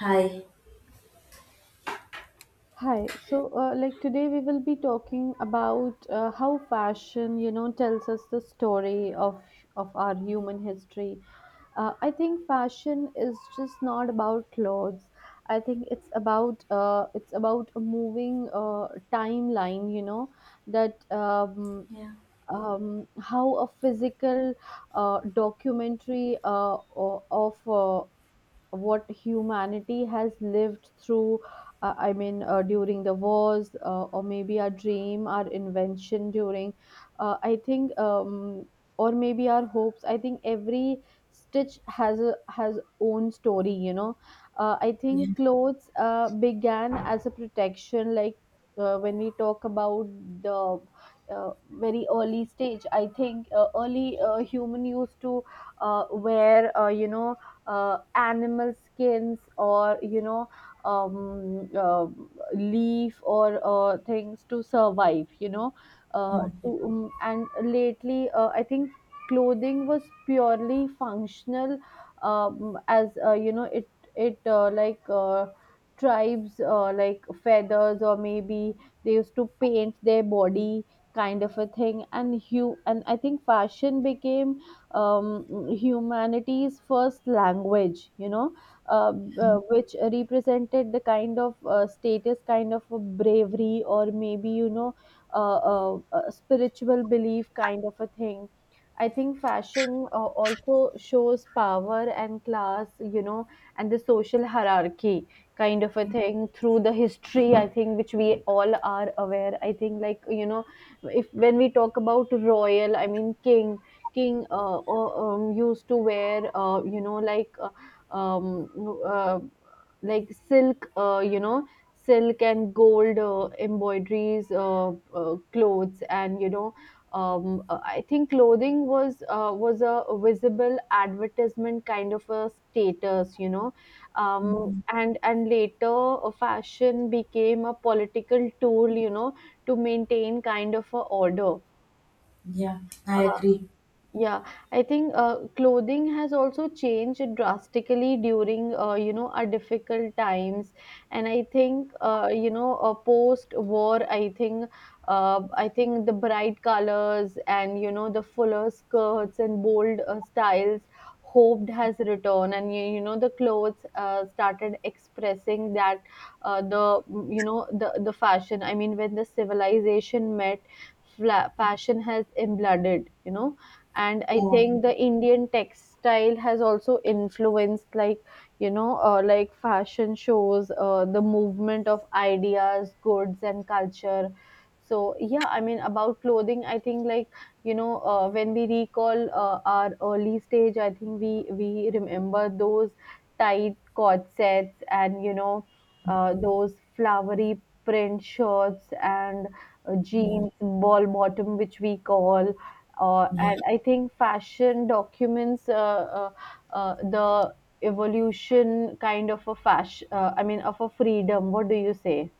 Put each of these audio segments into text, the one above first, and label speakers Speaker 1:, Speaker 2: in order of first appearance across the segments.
Speaker 1: Hi.
Speaker 2: Hi. So, like today, we will be talking about how fashion, you know, tells us the story of our human history. I think fashion is just not about clothes. I think it's about a moving timeline. You know that. Um,
Speaker 1: Yeah.
Speaker 2: um, how a physical documentary, of what humanity has lived through, I mean during the wars, or maybe our dream our invention during I think or maybe our hopes. I think every stitch has a has own story. I
Speaker 1: Yeah.
Speaker 2: think clothes began as a protection. Like, when we talk about the very early stage, I think early human used to wear, you know, animal skins, or you know, um, uh, leaf, or things to survive, you know,
Speaker 1: Yeah.
Speaker 2: and lately, I think clothing was purely functional. As You know, it like tribes, like feathers, or maybe they used to paint their body kind of a thing. And I think fashion became, humanity's first language, you know, which represented the kind of status, kind of a bravery, or maybe, you know, uh, a spiritual belief kind of a thing. I think fashion also shows power and class, you know, and the social hierarchy kind of a thing through the history, I think, which we all are aware. I think, like, you know, if when we talk about royal, I mean, king used to wear, you know, like um, uh, like silk, you know, silk and gold embroideries, clothes, and you know, I think clothing was, was a visible advertisement kind of a status, you know,
Speaker 1: Mhm.
Speaker 2: and later fashion became a political tool, you know, to maintain kind of a order.
Speaker 1: Yeah. I
Speaker 2: Uh,
Speaker 1: agree.
Speaker 2: yeah, I think clothing has also changed drastically during, you know, our difficult times, and I think, you know, post war, I think the bright colors, and you know, the fuller skirts and bold styles hoped has returned, and you know, the clothes started expressing that. You know, the fashion, I mean, when the civilization met, fashion has embloded, you know. And I
Speaker 1: Yeah.
Speaker 2: think the Indian textile has also influenced. Like, you know, like fashion shows the movement of ideas, goods, and culture. So yeah, I mean, about clothing, I think, like, you know, when we recall our early stage, I think we remember those tight corsets, and you know, those flowery print shirts, and
Speaker 1: Yeah.
Speaker 2: jeans, ball bottom, which we call.
Speaker 1: Yeah.
Speaker 2: And I think fashion documents, the evolution kind of a fashion. I mean, of a freedom. What do you say?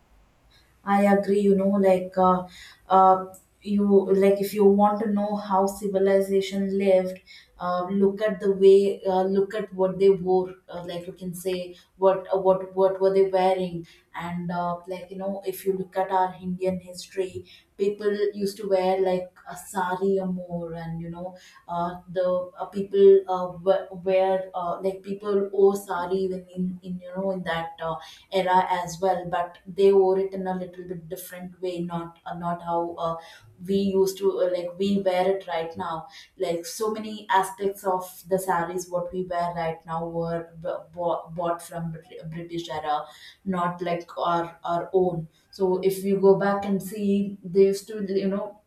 Speaker 1: I agree. You know, like, uh, you like if you want to know how civilization lived. Look at the way, look at what they wore. Like you can say what were they wearing, and like you know, if you look at our Indian history, people used to wear like a sari or more, and you know, the people wear like people wore sari even in you know in that era as well, but they wore it in a little bit different way, not how we used to like we wear it right now. Like so many aspects of the saris what we wear right now were bought from british era, not like our own. So if you go back and see, they used to you know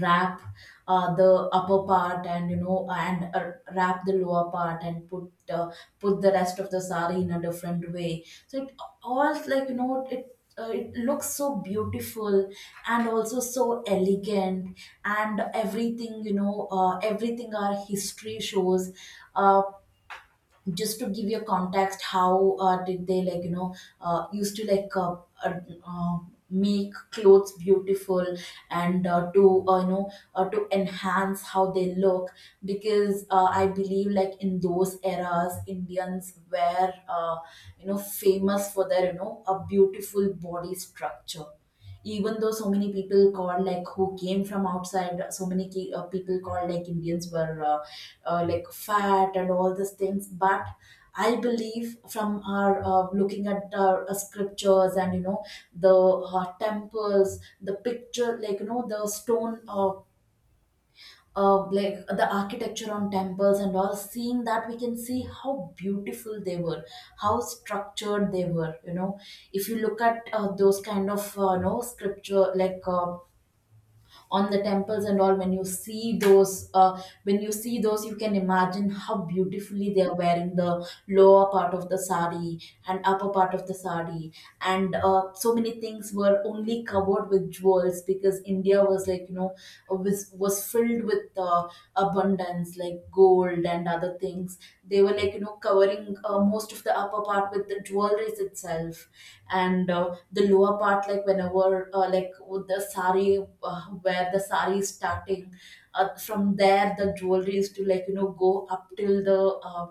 Speaker 1: wrap the upper part, and wrap the lower part and put the rest of the sari in a different way, so it all like you know it looks so beautiful and also so elegant, and everything you know everything our history shows, uh, just to give you a context how did they like you know used to uh, uh, make clothes beautiful and to you know to enhance how they look. Because I believe like in those eras indians were you know famous for their you know a beautiful body structure, even though so many people called like who came from outside, so many people called like indians were like fat and all these things. But I believe from our looking at our scriptures and you know the temples, the picture like you know the stone like the architecture on temples and all, seeing that we can see how beautiful they were, how structured they were, you know. If you look at those kind of you know scripture on the temples and all, when you see those, you can imagine how beautifully they are wearing the lower part of the sari and upper part of the sari. And so many things were only covered with jewels, because india was like you know was filled with abundance like gold and other things. They were like you know covering most of the upper part with the jewelries itself, and the lower part, like whenever like with the sari, where the sari is starting, from there the jewelry is to like you know go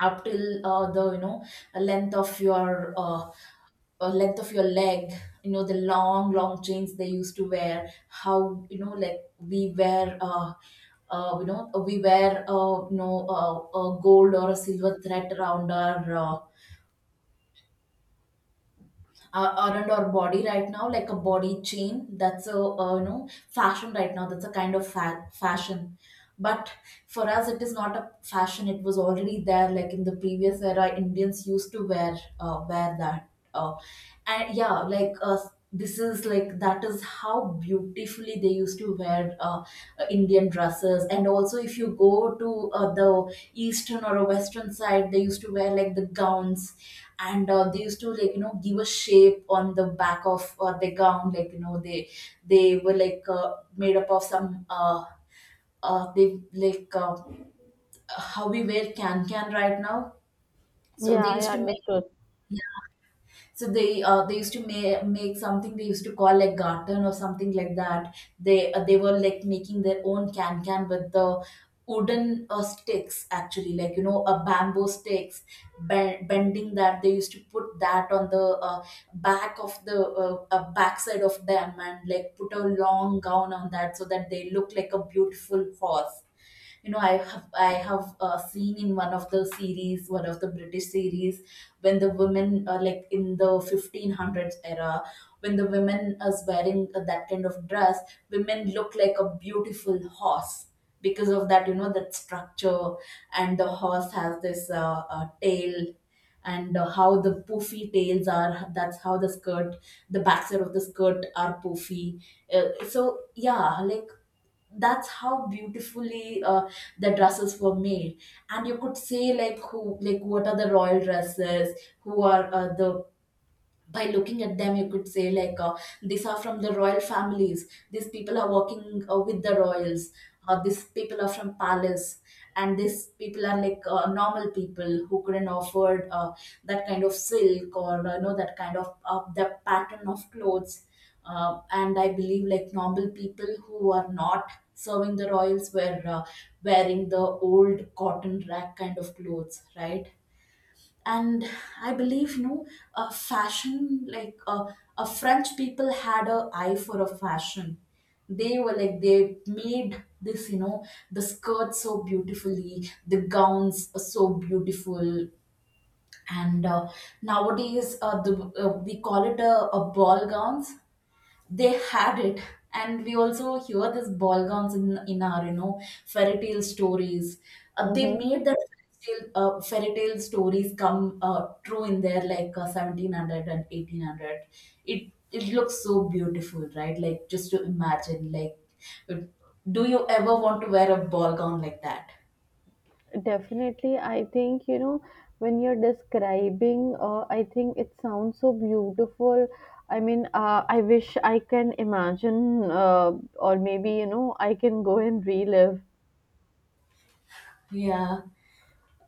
Speaker 1: up till the you know length of your uh, length of your leg. You know the long long chains they used to wear, how you know like we wear you know we wear you know a gold or a silver thread around our body right now, like a body chain. That's a you know fashion right now. That's a kind of fashion. But for us, it is not a fashion. It was already there. Like in the previous era, Indians used to wear that. And yeah like this is like that is how beautifully they used to wear indian dresses. And also if you go to the eastern or a western side, they used to wear like the gowns. And they used to like you know give a shape on the back of the gown, like you know they were like made up of some they like how we wear can right now. So
Speaker 2: Yeah,
Speaker 1: they
Speaker 2: I
Speaker 1: used to make,
Speaker 2: understood.
Speaker 1: so they make something they used to call like garden or something like that. They were like making their own can with the wooden sticks, actually like you know a bamboo sticks, bending that, they used to put that on the back of the backside of them, and like put a long gown on that, so that they look like a beautiful horse. You know I have seen in one of the series, one of the british series, when the women are like in the 1500s era, when the women is wearing that kind of dress, women look like a beautiful horse because of that, you know, that structure. And the horse has this tail, and how the poofy tails are, that's how the skirt, the backside of the skirt are poofy. So yeah like that's how beautifully the dresses were made. And you could see like who like what are the royal dresses, who are the by looking at them you could say like these are from the royal families, these people are working with the royals, these people are from palace, and these people are like normal people who couldn't afford that kind of silk, or you know that kind of the pattern of clothes. And I believe like normal people who are not serving the royals were wearing the old cotton rag kind of clothes, right? And I believe you know fashion a french people had a eye for a fashion. They were like they made this you know the skirt so beautifully, the gowns are so beautiful. And nowadays we call it a ball gowns. They had it, and we also hear this ball gowns in our you know fairy tale stories. They
Speaker 2: Mm-hmm.
Speaker 1: made that fairy tale stories come true in there, like 1700 and 1800. It it looks so beautiful, right? Like just to imagine like uh, do you ever want to wear a ball gown like that?
Speaker 2: Definitely, I think you know, when you're describing, I think it sounds so beautiful. I mean, I wish I can imagine, or maybe you know I can go and relive.
Speaker 1: Yeah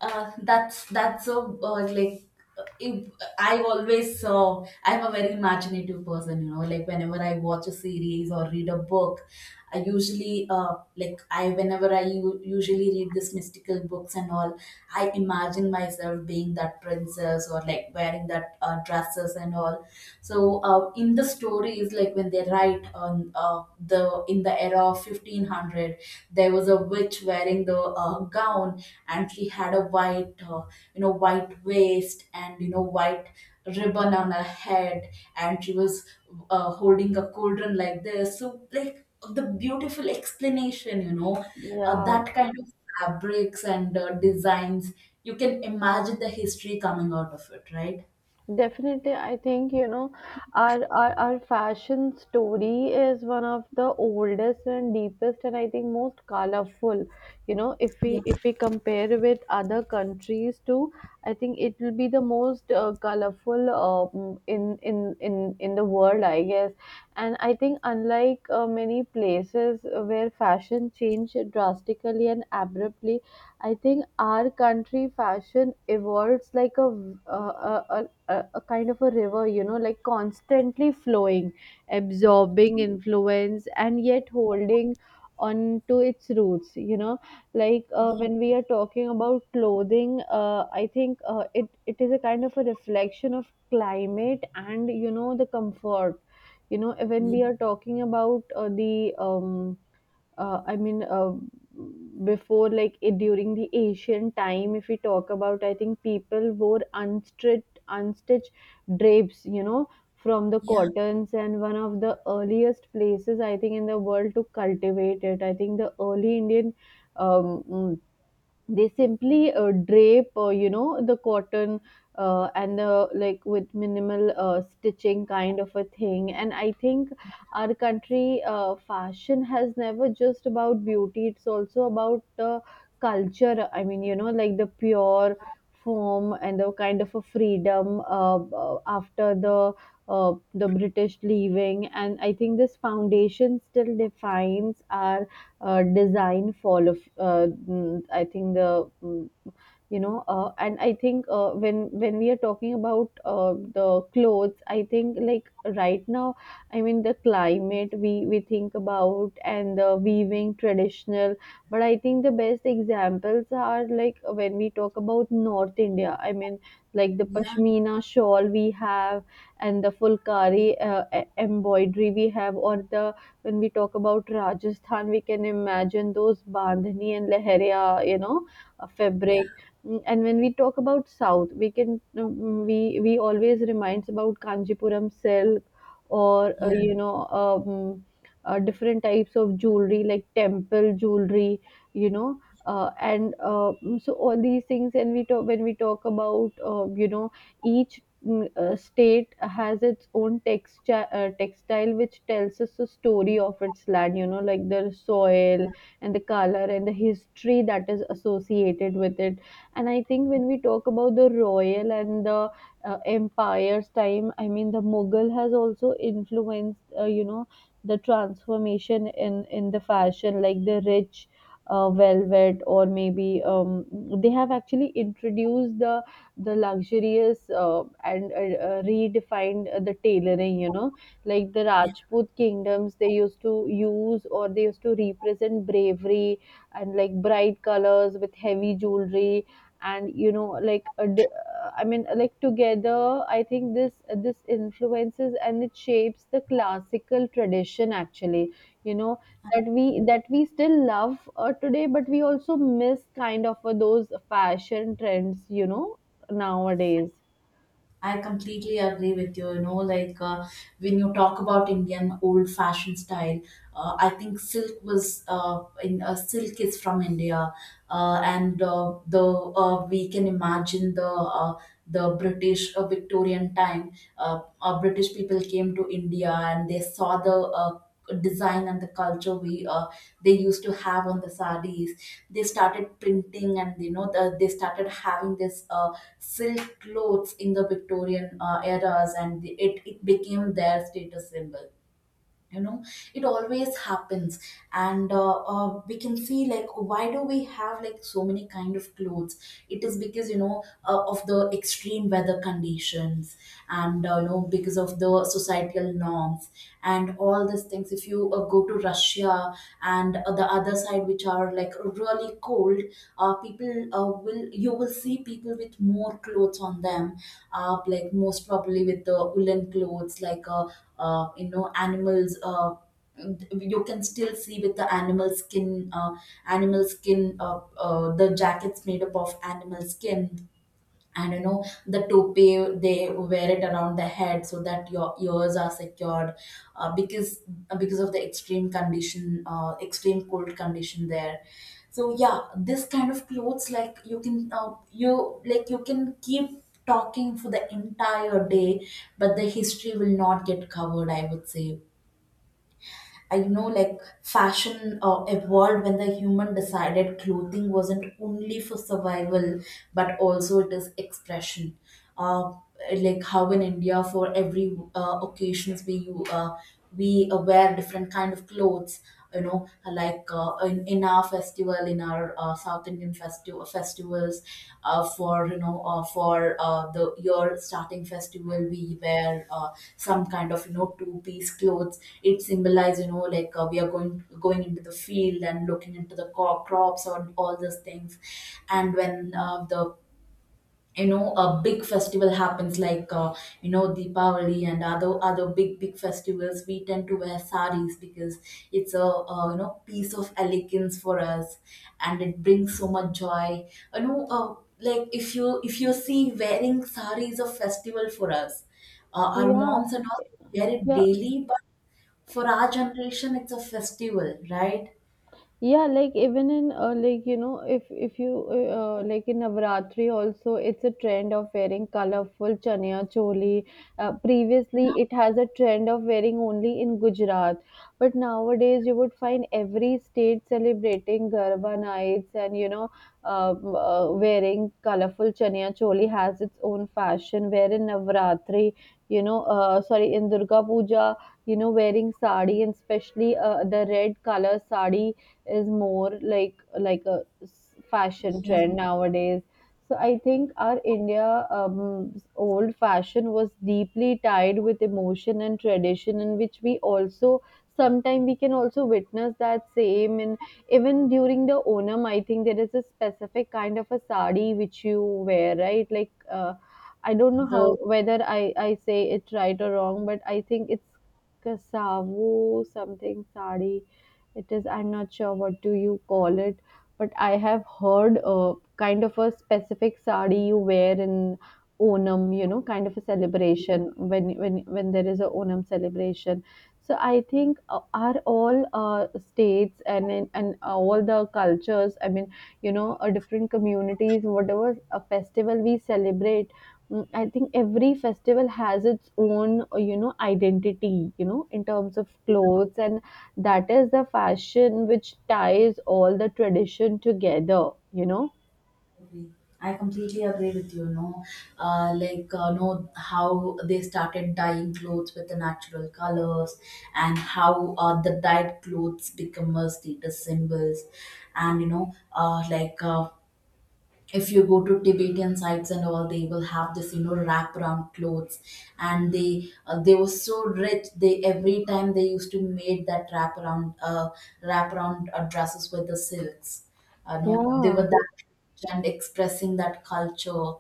Speaker 1: That's so like if, I've always I'm a very imaginative person, you know. Like whenever I watch a series or read a book, I usually like I whenever I u- usually read this mystical books and all, I imagine myself being that princess or like wearing that dresses and all. So in the stories, like when they write on the in the era of 1500, there was a witch wearing the gown, and she had a white you know white waist and you know white ribbon on her head, and she was holding a cauldron like this. So like the beautiful explanation,
Speaker 2: Yeah.
Speaker 1: that kind of fabrics and designs, you can imagine the history coming out of it, right?
Speaker 2: Definitely, I think you know our our fashion story is one of the oldest and deepest, and I think most colorful. You know,
Speaker 1: yeah
Speaker 2: if we compare with other countries too, I think it will be the most colorful, in in the world, I guess. And I think, unlike many places where fashion changed drastically and abruptly, I think our country fashion evolves like a, v- a, a, a kind of a river, you know, like constantly flowing, absorbing influence, and yet holding on to its roots. You know, like, when we are talking about clothing, I think it it is a kind of a reflection of climate and you know the comfort. You know, when
Speaker 1: yeah
Speaker 2: we are talking about, the I mean, before like it, during the ancient time, if we talk about, I think people wore unstitched drapes, you know, from the
Speaker 1: yeah
Speaker 2: cottons, and one of the earliest places I think in the world to cultivate it. I think the early Indian, um, mm, they simply drape, you know, the cotton and the like with minimal stitching kind of a thing. And I think our country fashion has never just about beauty. It's also about the culture, I mean, you know, like the pure form and the kind of a freedom after the British leaving. And I think this foundation still defines our design fall of I think the you know. And I think when when we are talking about the clothes, I think, like, right now, I mean, the climate we think about and the weaving traditional, but I think the best examples are like when we talk about North India, I mean, like the
Speaker 1: yeah
Speaker 2: pashmina shawl we have, and the fulkari embroidery we have, or the when we talk about Rajasthan, we can imagine those bandhani and leheria, you know, a
Speaker 1: yeah
Speaker 2: fabric. Mm. And when we talk about South, we can, we we always reminds about Kanjipuram silk, or
Speaker 1: yeah
Speaker 2: you know, different types of jewelry like temple jewelry, you know, so all these things. And we talk when we talk about, you know, each, state has its own texture textile which tells us the story of its land. You know, like the soil and the color and the history that is associated with it. And I think when we talk about the royal and the empire's time, I mean, the Mughal has also influenced, you know, the transformation in the fashion, like the rich velvet, or maybe, they have actually introduced the luxurious and redefined the tailoring, you know, like the
Speaker 1: yeah
Speaker 2: Rajput kingdoms, they used to use, or they used to represent bravery and like bright colors with heavy jewelry. And you know, like I mean, like together, I think this influences, and it shapes the classical tradition actually, you know, that we still love today, but we also miss kind of those fashion trends, you know, nowadays.
Speaker 1: I completely agree with you. You know, like when you talk about Indian old fashioned style, I think silk was in silk is from India. And the We can imagine the British Victorian time. British people came to India and they saw the. Design and the culture we they used to have on the sarees, they started printing and you know the, they started having this silk clothes in the Victorian eras, and the, it became their status symbol. You know, it always happens. And we can see like why do we have like so many kind of clothes? It is because you know of the extreme weather conditions, and you know because of the societal norms and all this these things. If you go to russia and the other side which are like really cold, people will you will see people with more clothes on them, like most probably with the woolen clothes, you know animals you can still see with the animal skin the jackets made up of animal skin. And you know the toupee they wear it around the head so that your ears are secured, uh, because because of the extreme condition, extreme cold condition there. So yeah, this kind of clothes, like you can you like you can keep talking for the entire day, but the history will not get covered, I would say. I know like fashion evolved when the human decided clothing wasn't only for survival, but also it is expression. Uh, like how in India, for every occasions we wear different kind of clothes. In our festival, in our South Indian festivals, for you know for the year starting festival we wear some kind of, you know two-piece clothes. It symbolizes, we are going into the field and looking into the crops or all those things. And when the you know a big festival happens, like, Deepavali and other big festivals, we tend to wear saris because it's a, piece of elegance for us, and it brings so much joy. you know uh, like if you see, wearing sari is a festival for us. Our
Speaker 2: Yeah,
Speaker 1: moms and all wear it
Speaker 2: yeah.
Speaker 1: daily, but for our generation it's a festival, right?
Speaker 2: Yeah, like even in, like you know if you like in Navratri also, it's a trend of wearing colorful chania choli. Previously, it has a trend of wearing only in Gujarat, but nowadays you would find every state celebrating Garba nights, and you know, uh, wearing colorful chania choli has its own fashion. Where in Navratri, you know, sorry, in Durga Puja, you know, wearing sari, and especially the red color sari is more like a fashion
Speaker 1: yeah
Speaker 2: trend nowadays. So I think our India, old fashion was deeply tied with emotion and tradition, in which we also sometimes we can also witness that same. And even during the Onam, I think there is a specific kind of a sari which you wear, right? Like, I don't know how,
Speaker 1: the
Speaker 2: whether I I say it right or wrong, but I think it's kasavu something sari. It is, I'm not sure what do you call it, but I have heard kind of a specific sari you wear in Onam, you know, kind of a celebration when there is a Onam celebration. So I think, are all states and and all the cultures, I mean, you know, different communities, whatever a festival we celebrate, I think every festival has its own, you know, identity, you know, in terms of clothes. And that is the fashion which ties all the tradition together, you know.
Speaker 1: Agree. I completely agree with you. No, know how they started dyeing clothes with the natural colors, and how the dyed clothes become a status symbols, and, if you go to Tibetan sites and all, they will have this, wrap around clothes, and they were so rich. They every time they used to make that wrap around, wrap around dresses with the silks. You know, they
Speaker 2: Yeah.
Speaker 1: were that rich and expressing that culture.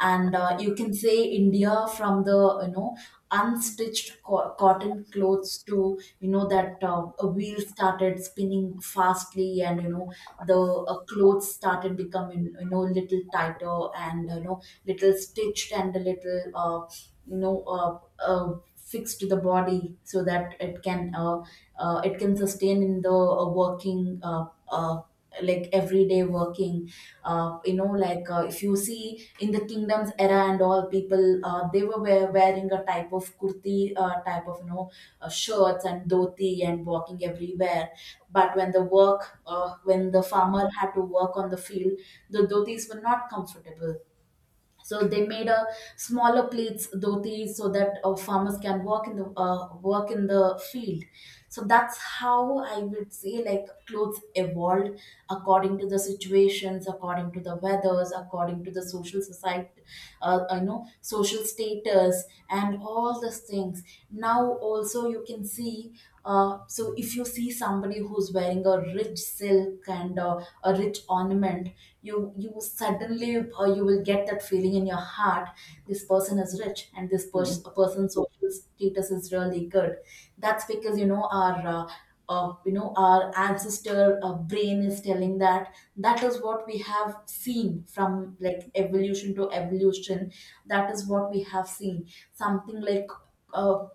Speaker 1: And you can say India from the, you know unstitched cotton clothes, to, you know that a wheel started spinning fastly, and, you know the clothes started becoming, little tighter, and, little stitched, and a little, you know uh, uh, fixed to the body so that it can, it can sustain in the working, uh, like everyday working. If you see in the kingdoms era and all, people they were wearing a type of kurti, type of, shirts and dhoti, and walking everywhere. But when the farmer had to work on the field, the dhotis were not comfortable, so they made a smaller plates dhotis so that farmers can work in the field. So that's how I would say, like, clothes evolved according to the situations, according to the weathers, according to the social society, you know, social status and all these things. Now also you can see, so if you see somebody who's wearing a rich silk and a rich ornament, you suddenly, you will get that feeling in your heart: this person is rich and this person's social status is really good. That's because, you know, our you know, our ancestor brain is telling that. That is what we have seen, from like evolution to evolution. That is what we have seen. Something like, uh,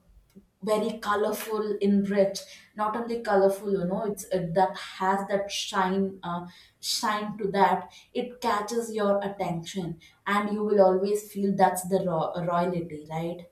Speaker 1: very colorful in rich. Not only colorful, you know, it's, that has that shine, shine to that, it catches your attention, and you will always feel that's the royalty, right?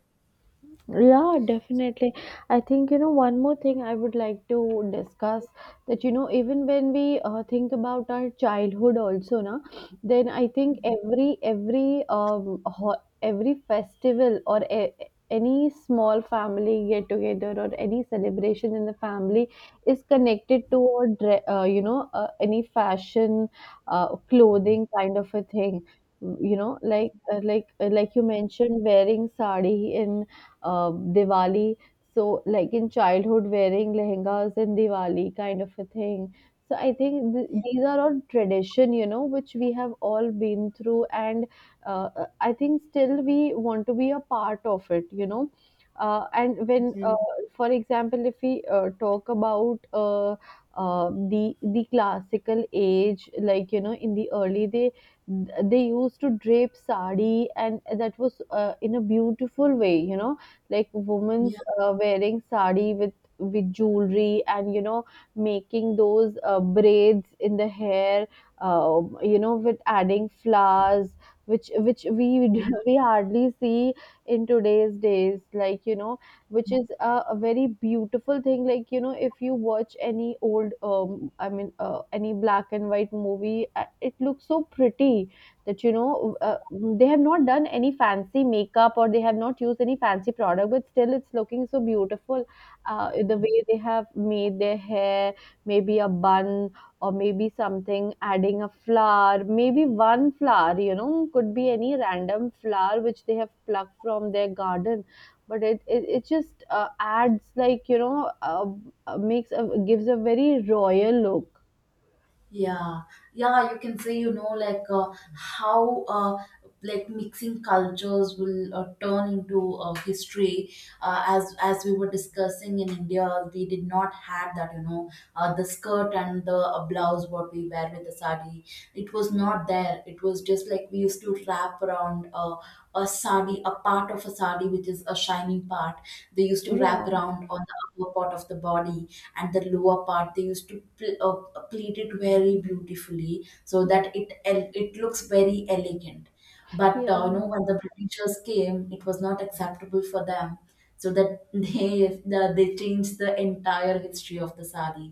Speaker 2: Yeah, definitely. I think, you know, one more thing I would like to discuss that, you know, even when we think about our childhood also, na, then I think every, every festival or any small family get together or any celebration in the family is connected to a you know, any fashion, clothing kind of a thing. You know, like you mentioned, wearing sari in uh, Diwali. So, like in childhood, wearing lehengas in Diwali kind of a thing. So, I think these are all tradition, you know, which we have all been through. And I think still we want to be a part of it, you know. And when,
Speaker 1: Mhm.
Speaker 2: for example, if we talk about the classical age, like you know, in the early they used to drape sari, and that was in a beautiful way, you know, like women's
Speaker 1: Yeah,
Speaker 2: wearing sari with jewelry, and you know, making those braids in the hair, you know, with adding flowers, which we hardly see in today's days, like you know, which is a very beautiful thing. Like you know, if you watch any old any black and white movie, it looks so pretty. That you know, they have not done any fancy makeup, or they have not used any fancy product, but still it's looking so beautiful. The way they have made their hair, maybe a bun, or maybe something, adding a flower, maybe one flower, you know, could be any random flower which they have plucked from their garden, but it just adds, like you know, makes gives a very royal look.
Speaker 1: yeah, yeah, you can say, you know, like, how like mixing cultures will turn into history. As we were discussing, in India we did not have that, you know, the skirt and the blouse what we wear with the sari. It was not there. It was just like we used to wrap around a sari, a part of a sari, which is a shining part. They used to wrap
Speaker 2: Yeah,
Speaker 1: around on the upper part of the body. And the lower part they used to pleat it very beautifully so that it looks very elegant. But
Speaker 2: yeah,
Speaker 1: you know, when the Britishers came, it was not acceptable for them. So that they they changed the entire history of the sari.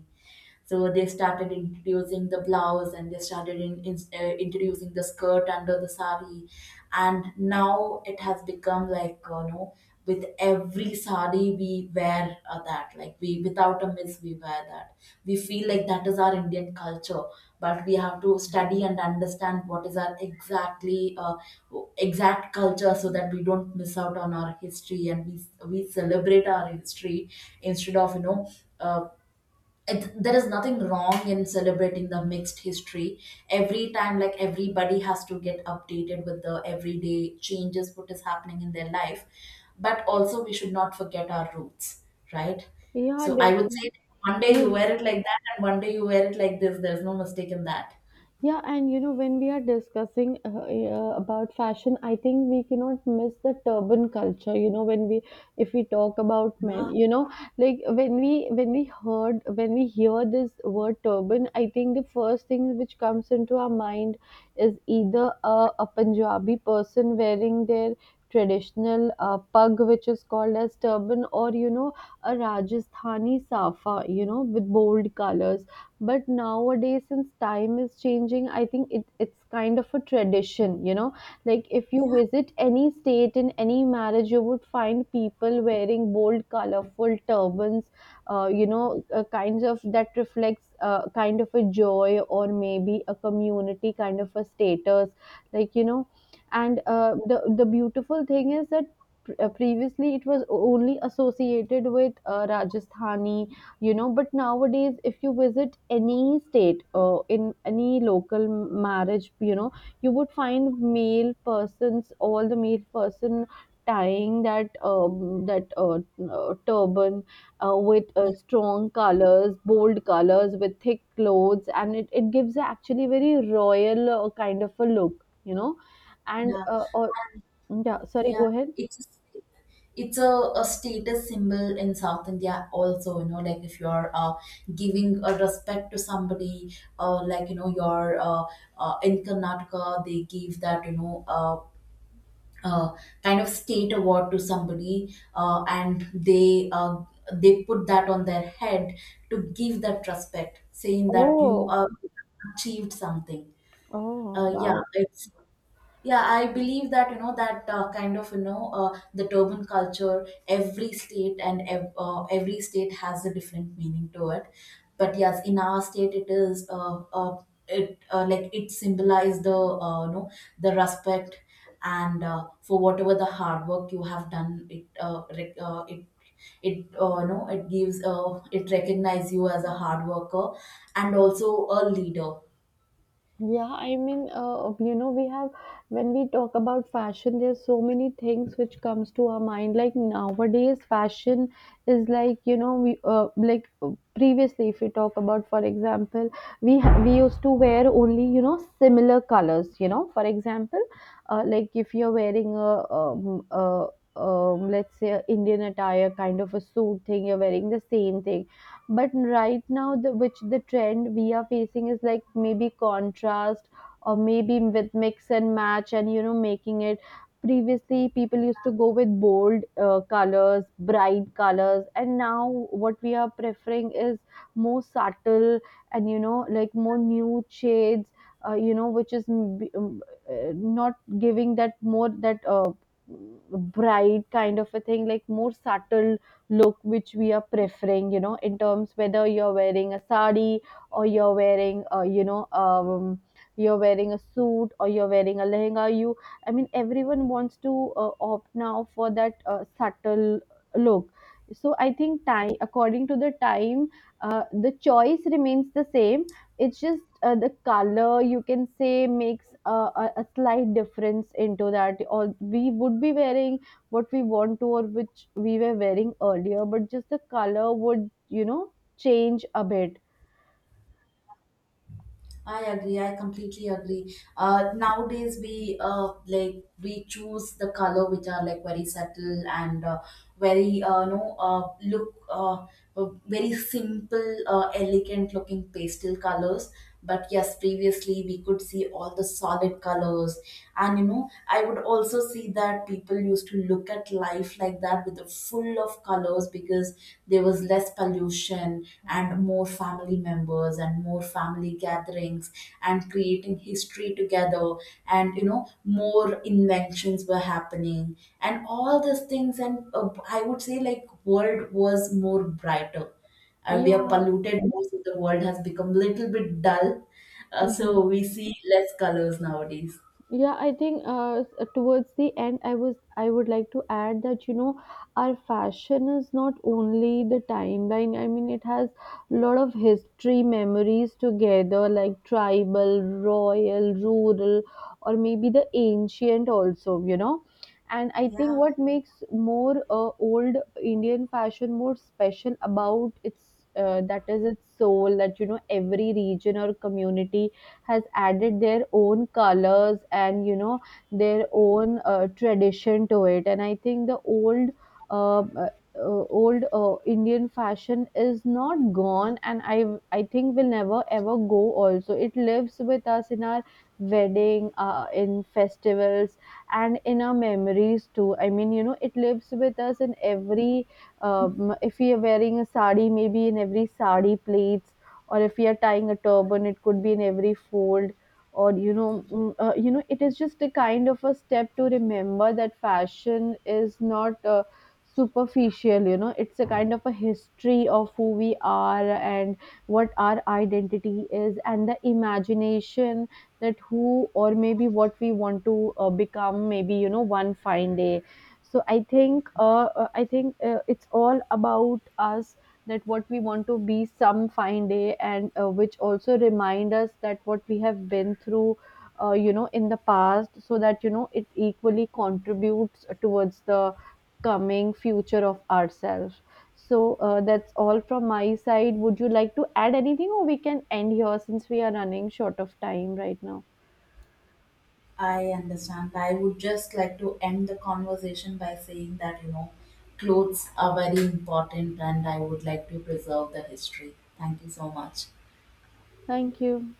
Speaker 1: So they started introducing the blouse, and they started introducing the skirt under the sari. And now it has become like, you know, with every sari we wear that. Like we, without a miss, we wear that. We feel like that is our Indian culture, but we have to study and understand what is our exactly exact culture, so that we don't miss out on our history, and we celebrate our history instead of, uh, it, there is nothing wrong in celebrating the mixed history every time. Like everybody has to get updated with the everyday changes, what is happening in their life, but also we should not forget our roots, right?
Speaker 2: yeah,
Speaker 1: So I would
Speaker 2: definitely.
Speaker 1: say, one day you wear it like that, and one day you wear it like this, there's no mistake in that.
Speaker 2: Yeah, and you know, when we are discussing about fashion, I think we cannot miss the turban culture. You know, if we talk about men,
Speaker 1: Yeah,
Speaker 2: you know, like when we hear this word turban, I think the first thing which comes into our mind is either a Punjabi person wearing their traditional pug, which is called as turban, or you know, a Rajasthani safa, you know, with bold colors. But nowadays, since time is changing, I think it's kind of a tradition, you know, like if you
Speaker 1: yeah,
Speaker 2: visit any state in any marriage, you would find people wearing bold colorful turbans. You know, kinds of that reflects kind of a joy, or maybe a community kind of a status, like you know. And the beautiful thing is that previously it was only associated with Rajasthani, you know. But nowadays, if you visit any state in any local marriage, you know, you would find male persons, all the male person tying that turban with
Speaker 1: yeah,
Speaker 2: strong colors, bold colors, with thick clothes, and it gives a actually very royal kind of a look, you know. And
Speaker 1: yeah.
Speaker 2: or yeah, sorry,
Speaker 1: Yeah,
Speaker 2: go ahead.
Speaker 1: it's it's a a status symbol in South India also, you know, like if you're giving a respect to somebody, like, you know, your in Karnataka, they give that, you know, uh, kind of state award to somebody, and they put that on their head to give that respect, saying that you
Speaker 2: Oh.
Speaker 1: achieved something.
Speaker 2: Oh,
Speaker 1: Yeah,
Speaker 2: wow.
Speaker 1: it's, yeah, I believe that, you know, that, the turban culture, every state every state has a different meaning to it. But yes, in our state it is, it like it symbolizes the, you know, the respect. And for whatever the hard work you have done, it you know, it gives, it recognize you as a hard worker, and also a leader.
Speaker 2: Yeah, I mean, you know, we have, when we talk about fashion, there's so many things which comes to our mind. Like nowadays, fashion is like, you know, we like previously, if we talk about, for example, we used to wear only, you know, similar colors. You know, for example, like if you're wearing a let's say a Indian attire kind of a suit thing, you're wearing the same thing. But right now, the which the trend we are facing is like maybe contrast, or maybe with mix and match, and you know, making it. Previously people used to go with bold colors, bright colors, and now what we are preferring is more subtle, and you know, like more nude shades. You know, which is m- b- not giving that more, that bright kind of a thing, like more subtle look, which we are preferring, you know, in terms whether you're wearing a sari, or you're wearing, you know, you're wearing a suit, or you're wearing a lehenga. I mean, everyone wants to opt now for that subtle look. So I think time, according to the time, the choice remains the same. It's just the color, you can say, makes a slight difference into that. Or we would be wearing what we want to, or which we were wearing earlier, but just the color would, you know, change a bit.
Speaker 1: I agree. I completely agree. Nowadays we, uh, like, we choose the color which are like very subtle, and, very no look very simple, elegant looking pastel colors. But yes, previously we could see all the solid colors, and you know, I would also see that people used to look at life like that, with the full of colors, because there was less pollution, and more family members, and more family gatherings, and creating history together, and, you know, more inventions were happening and all these things. And I would say, like, world was more brighter. We are
Speaker 2: Yeah.
Speaker 1: polluted now, so the world has become little bit dull. So
Speaker 2: Mhm.
Speaker 1: we see less colors nowadays.
Speaker 2: Yeah, I think towards the end, I would like to add that you know, our fashion is not only the timeline. I mean, it has a lot of history, memories together, like tribal, royal, rural, or maybe the ancient also. You know, and I think
Speaker 1: Yeah.
Speaker 2: what makes more old Indian fashion more special about its that is its soul. That you know, every region or community has added their own colors, and you know, their own tradition to it. And I think the old uh, old Indian fashion is not gone, and I think will never ever go. Also it lives with us in our wedding, in festivals, and in our memories too. I mean, you know, it lives with us in every if we are wearing a sari, maybe in every sari plates, or if we are tying a turban, it could be in every fold. Or you know, you know, it is just a kind of a step to remember that fashion is not superficial, you know. It's a kind of a history of who we are, and what our identity is, and the imagination that who, or maybe what we want to become, maybe you know, one fine day. So I think I think it's all about us, that what we want to be some fine day, and which also remind us that what we have been through, you know, in the past, so that you know, it equally contributes towards the coming future of ourselves. So that's all from my side. Would you like to add anything, or we can end here since we are running short of time right now.
Speaker 1: I understand. I would just like to end the conversation by saying that, you know, clothes are very important, and I would like to preserve the history. Thank you so much.
Speaker 2: Thank you.